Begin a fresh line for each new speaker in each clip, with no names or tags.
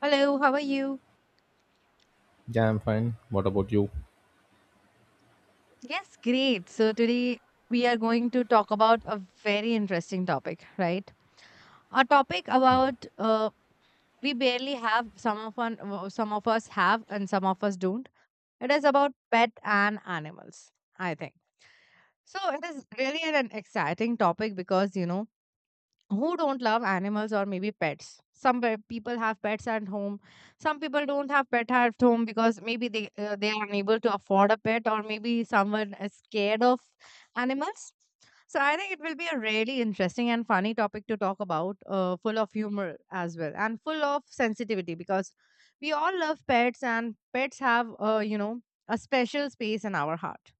Hello, how are you?
Yeah, I'm fine. What about you?
Yes, great. So today we are going to talk about a very interesting topic, right? A topic
Yeah.
about we barely have some of us have and some of us don't. It is about pet and animals, I think. So it is really an exciting topic because who don't love animals or maybe pets, people have pets at home, some people don't have pet at home because maybe they are unable to afford a pet or maybe someone is scared of animals. So I think it will be a really interesting and funny topic to talk about, full of humor as well and full of sensitivity because we all love pets and pets have, a special space in our heart.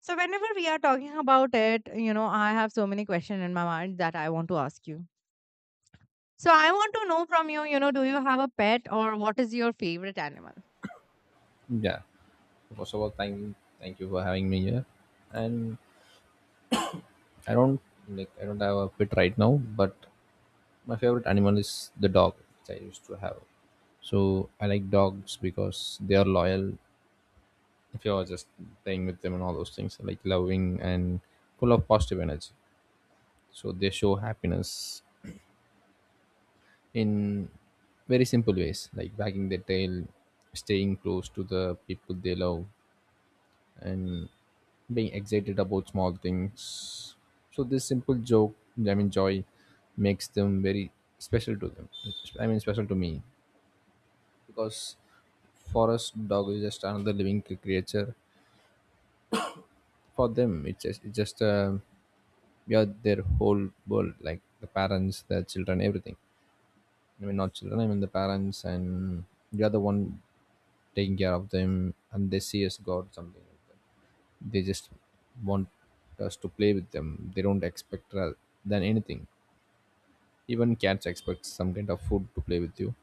So whenever we are talking about it, I have so many questions in my mind that I want to ask you. So I want to know from you, you know, do you have a pet or what is your favorite animal?
Yeah. First of all, thank you for having me here. And I don't like, I don't have a pet right now, but my favorite animal is the dog, which I used to have. So I like dogs because they are loyal. If you are just playing with them and all those things, like loving and full of positive energy. So they show happiness in very simple ways, like wagging their tail, staying close to the people they love, and being excited about small things. So this simple joke, I mean joy, makes them very special to them. I mean special to me because for us, dog is just another living creature. For them, it's just, we are their whole world, like the parents, their children, everything. I mean not children, I mean the parents, and we are the one taking care of them, and they see us God something like that. They just want us to play with them. They don't expect than anything. Even cats expect some kind of food to play with you,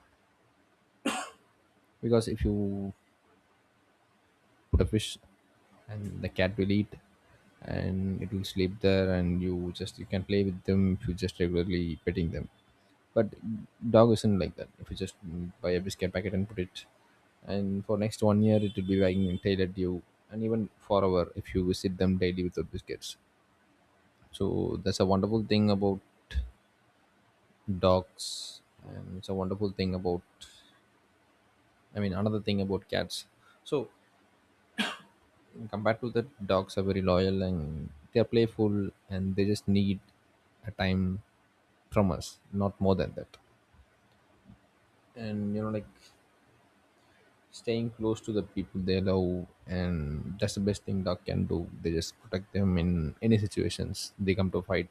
because if you put a fish and the cat will eat and it will sleep there and you just you can play with them if you just regularly petting them. But dog isn't like that. If you just buy a biscuit packet and put it, and for next one year it will be wagging its tail at you, and even forever if you visit them daily with the biscuits. So that's a wonderful thing about dogs, and it's a wonderful thing about, I mean, another thing about cats. So compared to that, dogs are very loyal and they're playful and they just need a time from us, not more than that. And you know, like staying close to the people they love, and that's the best thing dog can do. They just protect them in any situations they come to fight.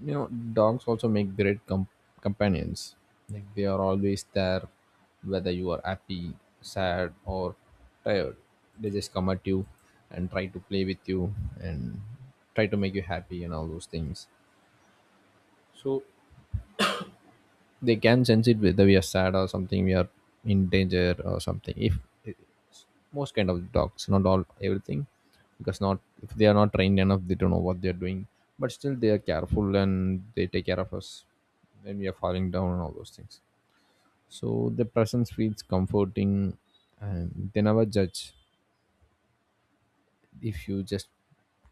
You know, dogs also make great companions. Like they are always there, whether you are happy, sad, or tired. They just come at you and try to play with you and try to make you happy and all those things. So they can sense it whether we are sad or something, we are in danger or something, if it's most kind of dogs, not all everything, because not if they are not trained enough they don't know what they are doing, but still they are careful and they take care of us when we are falling down and all those things. So the presence feels comforting, and they never judge. If you just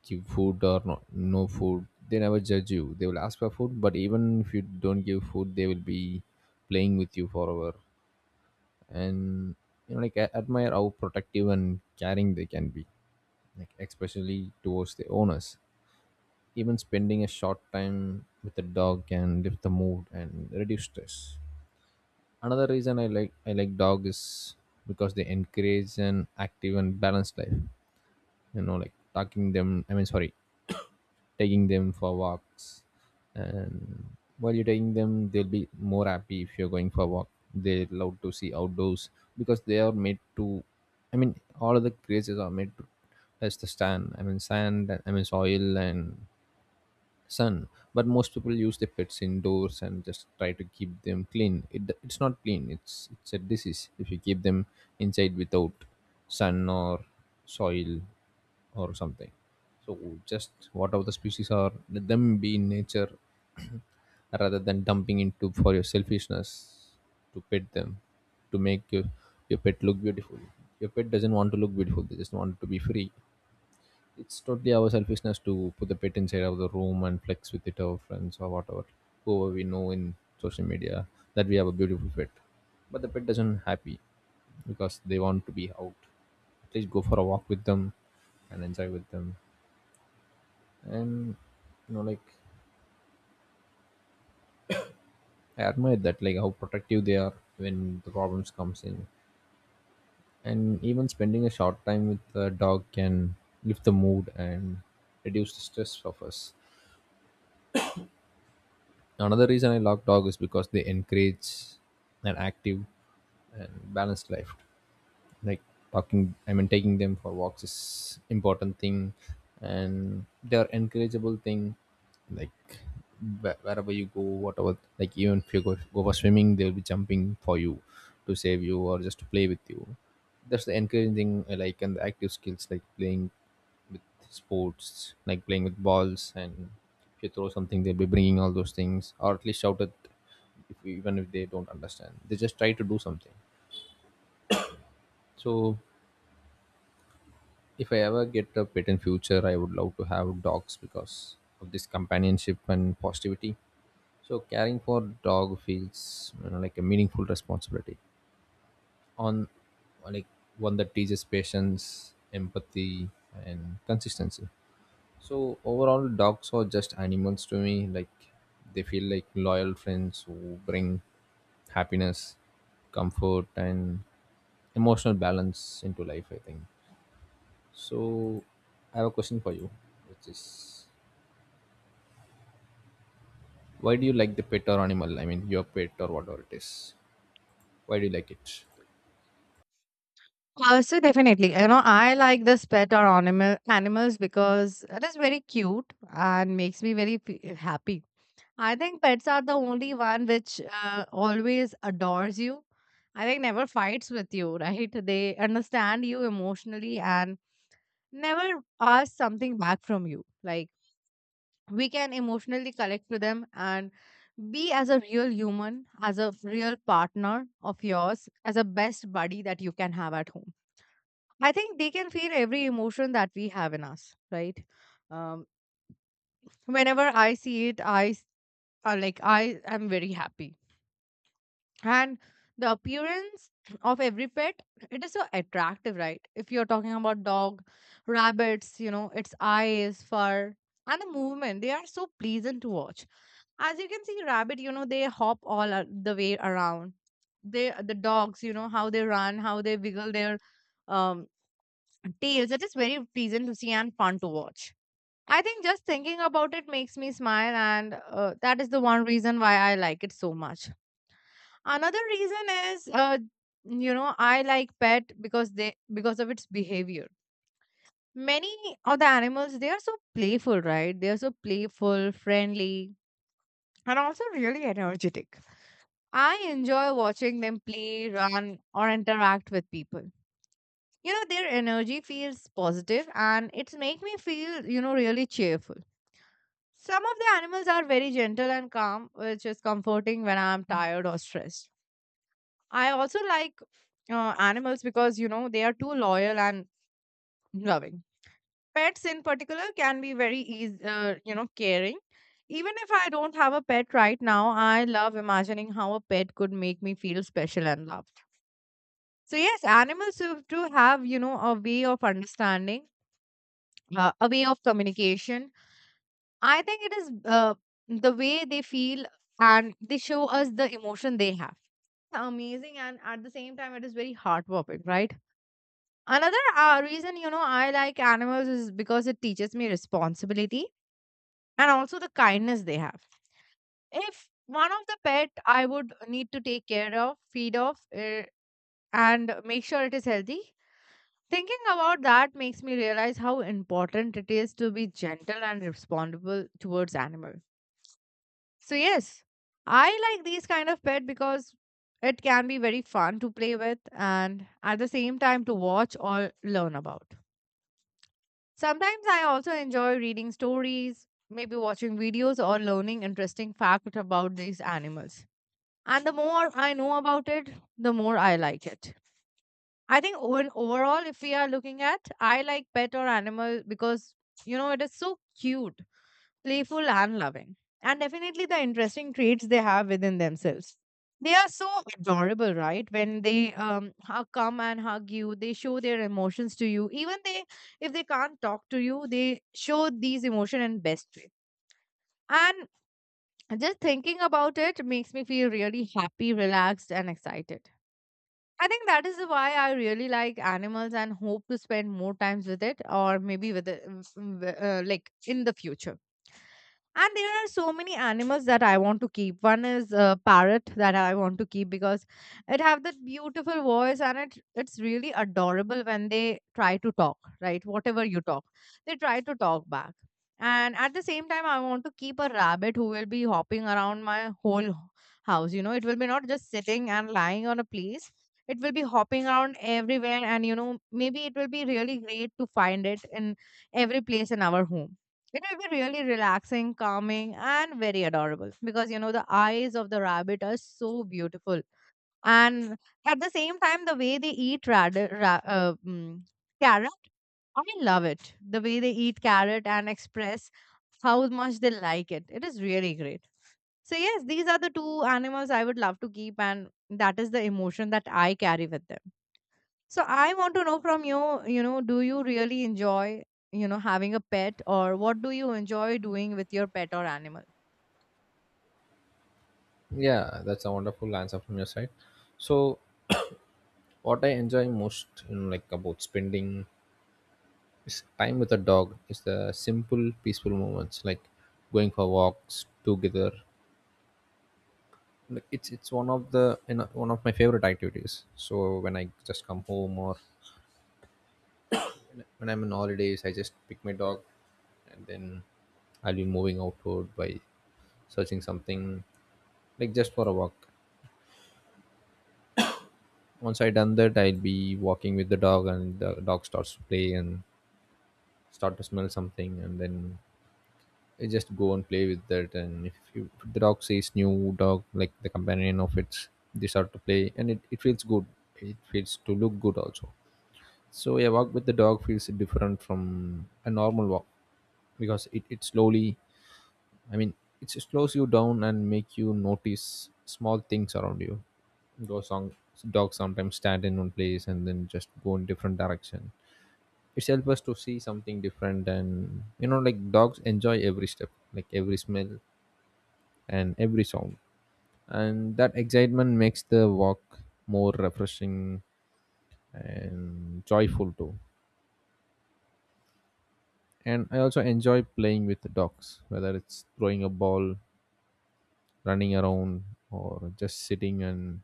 give food or not, no food, they never judge you. They will ask for food, but even if you don't give food they will be playing with you forever. And you know, like, I admire how protective and caring they can be, like especially towards the owners. Even spending a short time with the dog can lift the mood and reduce stress. Another reason I like dog is because they encourage an active and balanced life. You know, like talking them, I mean, sorry, taking them for walks. And while you're taking them they'll be more happy. If you're going for a walk, they love to see outdoors, because they are made to, I mean all of the creatures are made to, touch the stand, I mean sand, I mean soil, and sun. But most people use their pets indoors and just try to keep them clean. It's not clean, it's a disease if you keep them inside without sun or soil or something. So just whatever the species are, let them be in nature, rather than dumping into for your selfishness to pet them, to make your pet look beautiful. Your pet doesn't want to look beautiful, they just want to be free. It's totally our selfishness to put the pet inside of the room and flex with it our friends or whatever, whoever we know in social media, that we have a beautiful pet. But the pet doesn't happy because they want to be out. At least go for a walk with them and enjoy with them. And you know, like, I admire that, like how protective they are when the problems comes in, and even spending a short time with the dog can lift the mood and reduce the stress of us. Another reason I love dog is because they encourage an active and balanced life. Like talking, I mean, taking them for walks is important thing, and they are encourageable thing. Like wherever you go, whatever, like even if you go, for swimming, they'll be jumping for you to save you or just to play with you. That's the encouraging, like, and the active skills, like playing with sports, like playing with balls, and if you throw something, they'll be bringing all those things, or at least shout at, if, even if they don't understand. They just try to do something. So, if I ever get a pet in future, I would love to have dogs because of this companionship and positivity. So, caring for dog feels, you know, like a meaningful responsibility. On like one that teaches patience, empathy, and consistency. So overall, dogs are just animals to me. Like they feel like loyal friends who bring happiness, comfort, and emotional balance into life, I think. So I have a question for you, which is, why do you like the pet or animal? I mean, your pet or whatever it is. Why do you like it?
So definitely, you know, I like this pet or animals because it is very cute and makes me very happy. I think pets are the only one which always adores you. I think never fights with you, right? They understand you emotionally and never ask something back from you. Like we can emotionally connect to them and be as a real human, as a real partner of yours, as a best buddy that you can have at home. I think they can feel every emotion that we have in us, right? Um, Whenever I see it, like I am very happy and the appearance of every pet, it is so attractive, right? If you're talking about dog, rabbits, you know, its eyes, fur, and the movement, they are so pleasant to watch. As you can see rabbit, you know, they hop the way around. The dogs, you know how they run, how they wiggle their um tails. It is very pleasant to see and fun to watch. I think just thinking about it makes me smile, and that is the one reason why I like it so much. Another reason is, you know, I like pet because they because of its behavior. Many of the animals, they are so playful, right? They are so playful, friendly, and also really energetic. I enjoy watching them play, run, or interact with people. You know, their energy feels positive, and it's make me feel, you know, really cheerful. Some of the animals are very gentle and calm, which is comforting when I'm tired or stressed. I also like, animals because you know they are too loyal and loving. Pets in particular can be very easy, you know, caring. Even if I don't have a pet right now, I love imagining how a pet could make me feel special and loved. So yes, animals have to have, you know, a way of understanding, a way of communication. I think it is, the way they feel and they show us the emotion they have. Amazing, and at the same time, it is very heartwarming, right? Another reason, you know, I like animals is because it teaches me responsibility and also the kindness they have. If one of the pet I would need to take care of, feed off, and make sure it is healthy, thinking about that makes me realize how important it is to be gentle and responsible towards animal. So yes, I like these kind of pet because it can be very fun to play with and at the same time to watch or learn about. Sometimes I also enjoy reading stories, maybe watching videos or learning interesting facts about these animals. And the more I know about it, the more I like it. I think overall, if we are looking at, I like pet or animal because you know it is so cute, playful, and loving, and definitely the interesting traits they have within themselves. They are so adorable, right? When they come and hug you, they show their emotions to you. Even they, if they can't talk to you, they show these emotion in best way. And just thinking about it makes me feel really happy, relaxed, and excited. I think that is why I really like animals and hope to spend more times with it, or maybe with it, like in the future. And there are so many animals that I want to keep. One is a parrot that I want to keep because it have that beautiful voice, and it's really adorable when they try to talk, right? Whatever you talk, they try to talk back. And at the same time, I want to keep a rabbit who will be hopping around my whole house. You know, it will be not just sitting and lying on a place, it will be hopping around everywhere, and you know, maybe it will be really great to find it in every place in our home. It will be really relaxing, calming, and very adorable, because you know the eyes of the rabbit are so beautiful. And at the same time, the way they eat, carrot, I love it. The way they eat carrot and express how much they like it is really great. So yes, these are the two animals I would love to keep, and that is the emotion that I carry with them. So I want to know from you, you know, do you really enjoy, you know, having a pet, or what do you enjoy doing with your pet or animal?
Yeah, that's a wonderful answer from your side. So what I enjoy most, you know, like about spending, it's time with a dog is the simple, peaceful moments, like going for walks together. Like it's one of the, you know, one of my favorite activities. So when I just come home or when I'm on holidays, I just pick my dog, and then I'll be moving outward by searching something, like just for a walk. Once I done that, I'll be walking with the dog, and the dog starts to play and start to smell something, and then you just go and play with that, and if the dog sees new dog, like the companion of its, they start to play, and it feels good. It feels to look good also. So a walk with the dog feels different from a normal walk, because it slowly, I mean, it slows you down and make you notice small things around you. Those song dogs sometimes stand in one place and then just go in different direction. It helps us to see something different. And you know, like dogs enjoy every step, like every smell and every sound, and that excitement makes the walk more refreshing and joyful too. And I also enjoy playing with the dogs, whether it's throwing a ball, running around, or just sitting and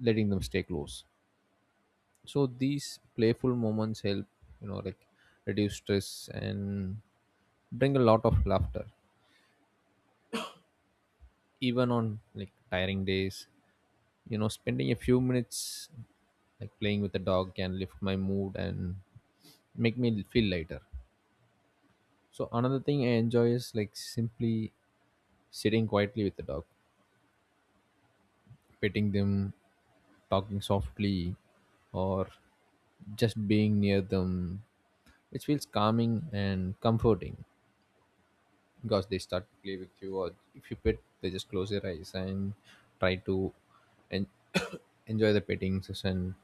letting them stay close. So these playful moments help, you know, like reduce stress and bring a lot of laughter. Even on like tiring days, you know, spending a few minutes like playing with the dog can lift my mood and make me feel lighter. So another thing I enjoy is like simply sitting quietly with the dog, petting them, talking softly, or just being near them, which feels calming and comforting. Because they start to play with you, or if you pet, they just close their eyes and try to en- enjoy the petting session.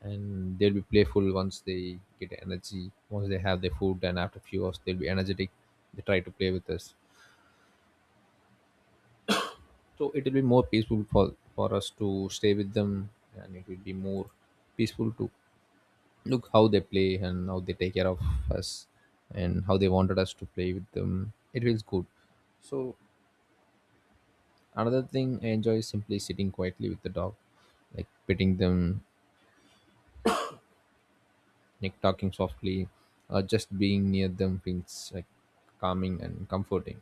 And they'll be playful once they get energy, once they have their food. And after few hours they'll be energetic, they try to play with us. So it will be more peaceful for us to stay with them, and it will be more peaceful to look how they play and how they take care of us, and how they wanted us to play with them. It feels good. So another thing I enjoy is simply sitting quietly with the dog, like petting them, like talking softly, or just being near them feels like calming and comforting.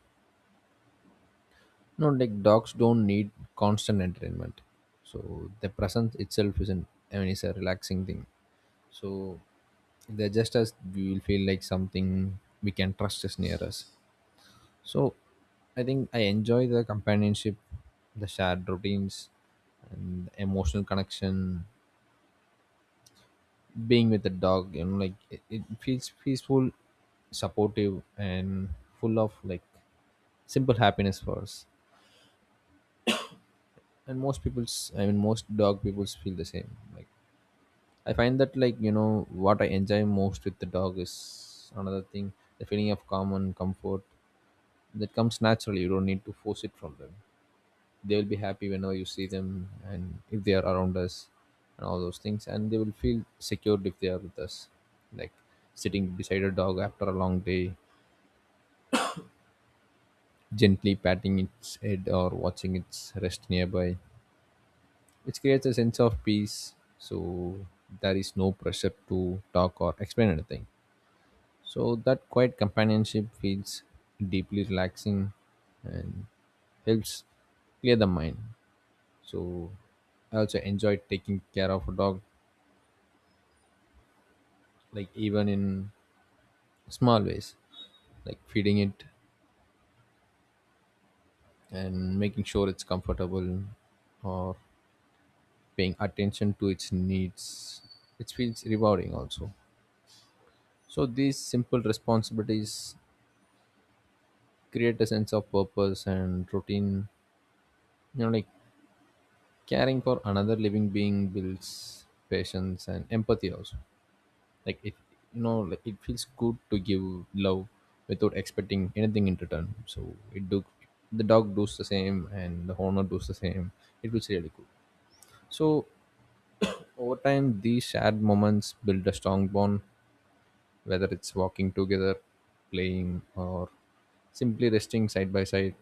No, like dogs don't need constant entertainment, so the presence itself isn't, I mean, it's a relaxing thing. So they're just, as we will feel like something we can trust is near us. So I think I enjoy the companionship, the shared routines, and the emotional connection. Being with the dog, you know, like, it feels peaceful, supportive, and full of like simple happiness for us. And most people's, I mean most dog people's, feel the same. Like, I find that, like, you know, what I enjoy most with the dog is another thing, the feeling of calm and comfort that comes naturally. You don't need to force it from them. They will be happy whenever you see them, and if they are around us and all those things, and they will feel secured if they are with us. Like sitting beside a dog after a long day, gently patting its head or watching its rest nearby, which creates a sense of peace. So there is no pressure to talk or explain anything. So that quiet companionship feels deeply relaxing and helps clear the mind. So I also enjoy taking care of a dog, like even in small ways, like feeding it and making sure it's comfortable, or paying attention to its needs. It feels rewarding also. So these simple responsibilities create a sense of purpose and routine. You know, like caring for another living being builds patience and empathy also. Like, it, you know, like it feels good to give love without expecting anything in return. So it do, the dog does the same and the owner does the same. It feels really good. So over time these shared moments build a strong bond, whether it's walking together, playing, or simply resting side by side.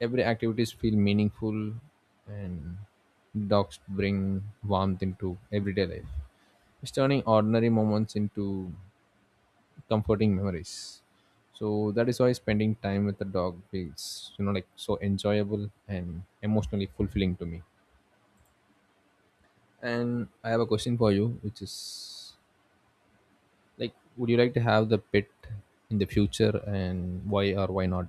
Every activities feel meaningful, and dogs bring warmth into everyday life. It's turning ordinary moments into comforting memories. So that is why spending time with the dog feels, you know, like so enjoyable and emotionally fulfilling to me. And I have a question for you, which is, like, would you like to have the pet in the future, and why or why not?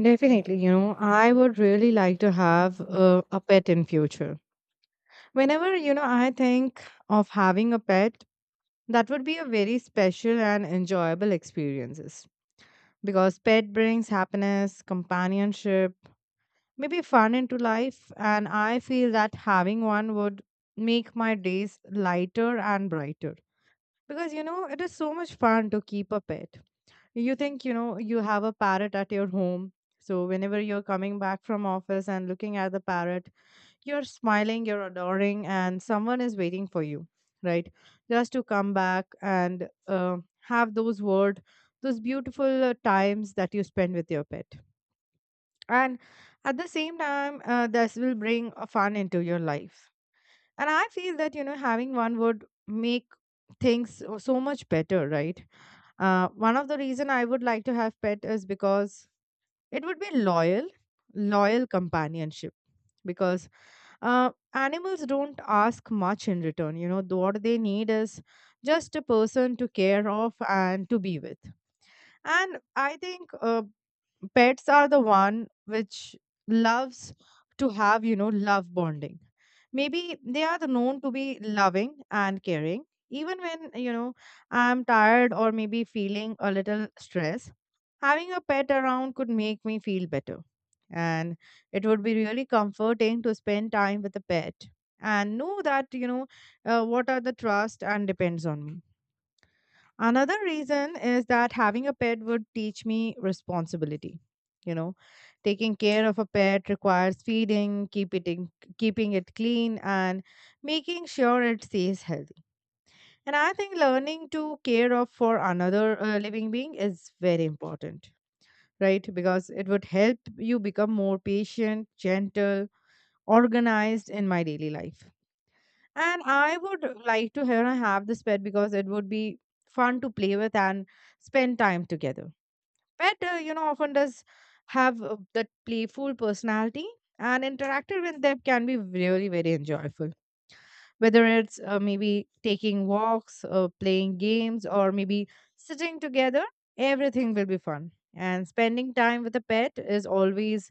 Definitely, you know, I would really like to have a pet in future. Whenever, you know, I think of having a pet, that would be a very special and enjoyable experiences, because pet brings happiness, companionship, maybe fun into life, and I feel that having one would make my days lighter and brighter, because you know, it is so much fun to keep a pet. You think, you know, you have a parrot at your home, so whenever you're coming back from office and looking at the parrot, you're smiling, you're adoring, and someone is waiting for you, right? Just to come back and, have those word, those beautiful times that you spend with your pet. And at the same time, this will bring a fun into your life. And I feel that, you know, having one would make things so much better, right? One of the reason I would like to have pet is because it would be loyal, loyal companionship, because animals don't ask much in return. You know, what they need is just a person to care of and to be with. And I think, pets are the one which loves to have, you know, love bonding. Maybe they are the known to be loving and caring, even when, you know, I'm tired or maybe feeling a little stressed. Having a pet around could make me feel better. And it would be really comforting to spend time with a pet and know that, you know, what are the trust and depends on me. Another reason is that having a pet would teach me responsibility. You know, taking care of a pet requires feeding, keeping it clean, and making sure it stays healthy. And I think learning to care of for another living being is very important, right? Because it would help you become more patient, gentle, organized in my daily life. And I would like to here I have this pet because it would be fun to play with and spend time together. Pet, you know, often does have that playful personality, and interacting with them can be really very enjoyable, whether it's, maybe taking walks, playing games, or maybe sitting together, everything will be fun. And spending time with a pet is always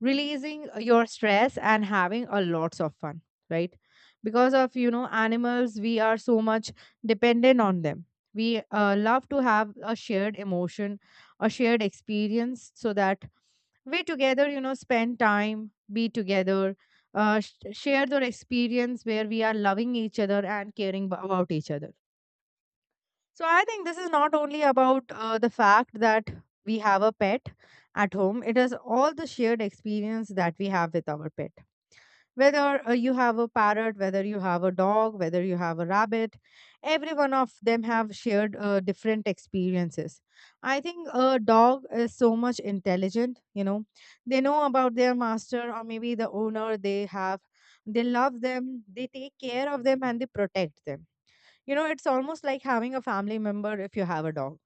releasing your stress and having a lots of fun, right? Because of you know animals, we are so much dependent on them. We love to have a shared emotion, a shared experience, so that we together, you know, spend time be together, share their experience where we are loving each other and caring about each other. So I think this is not only about the fact that we have a pet at home, it is all the shared experience that we have with our pet. Whether you have a parrot, whether you have a dog, whether you have a rabbit, every one of them have shared different experiences. I think a dog is so much intelligent, you know. They know about their master or maybe the owner they have. They love them, they take care of them, and they protect them. You know, it's almost like having a family member if you have a dog.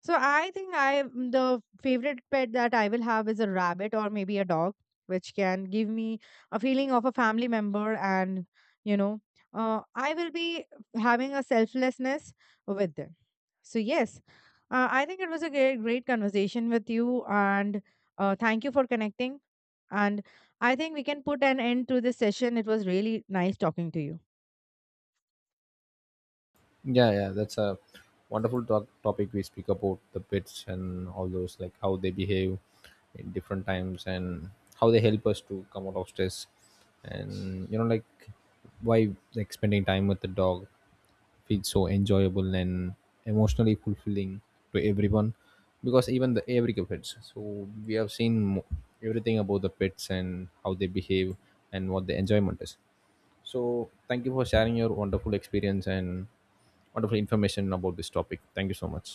So I think the favorite pet that I will have is a rabbit or maybe a dog, which can give me a feeling of a family member, and you know, I will be having a selflessness with them. So yes, I think it was a great conversation with you, and thank you for connecting. And I think we can put an end to this session. It was really nice talking to you.
Yeah, yeah, that's a wonderful talk topic. We speak about the pets and all those, like how they behave in different times and how they help us to come out of stress. And, you know, like why, like spending time with the dog feels so enjoyable and emotionally fulfilling to everyone, because even the every pets. So we have seen everything about the pets and how they behave and what the enjoyment is. So thank you for sharing your wonderful experience and wonderful information about this topic. Thank you so much.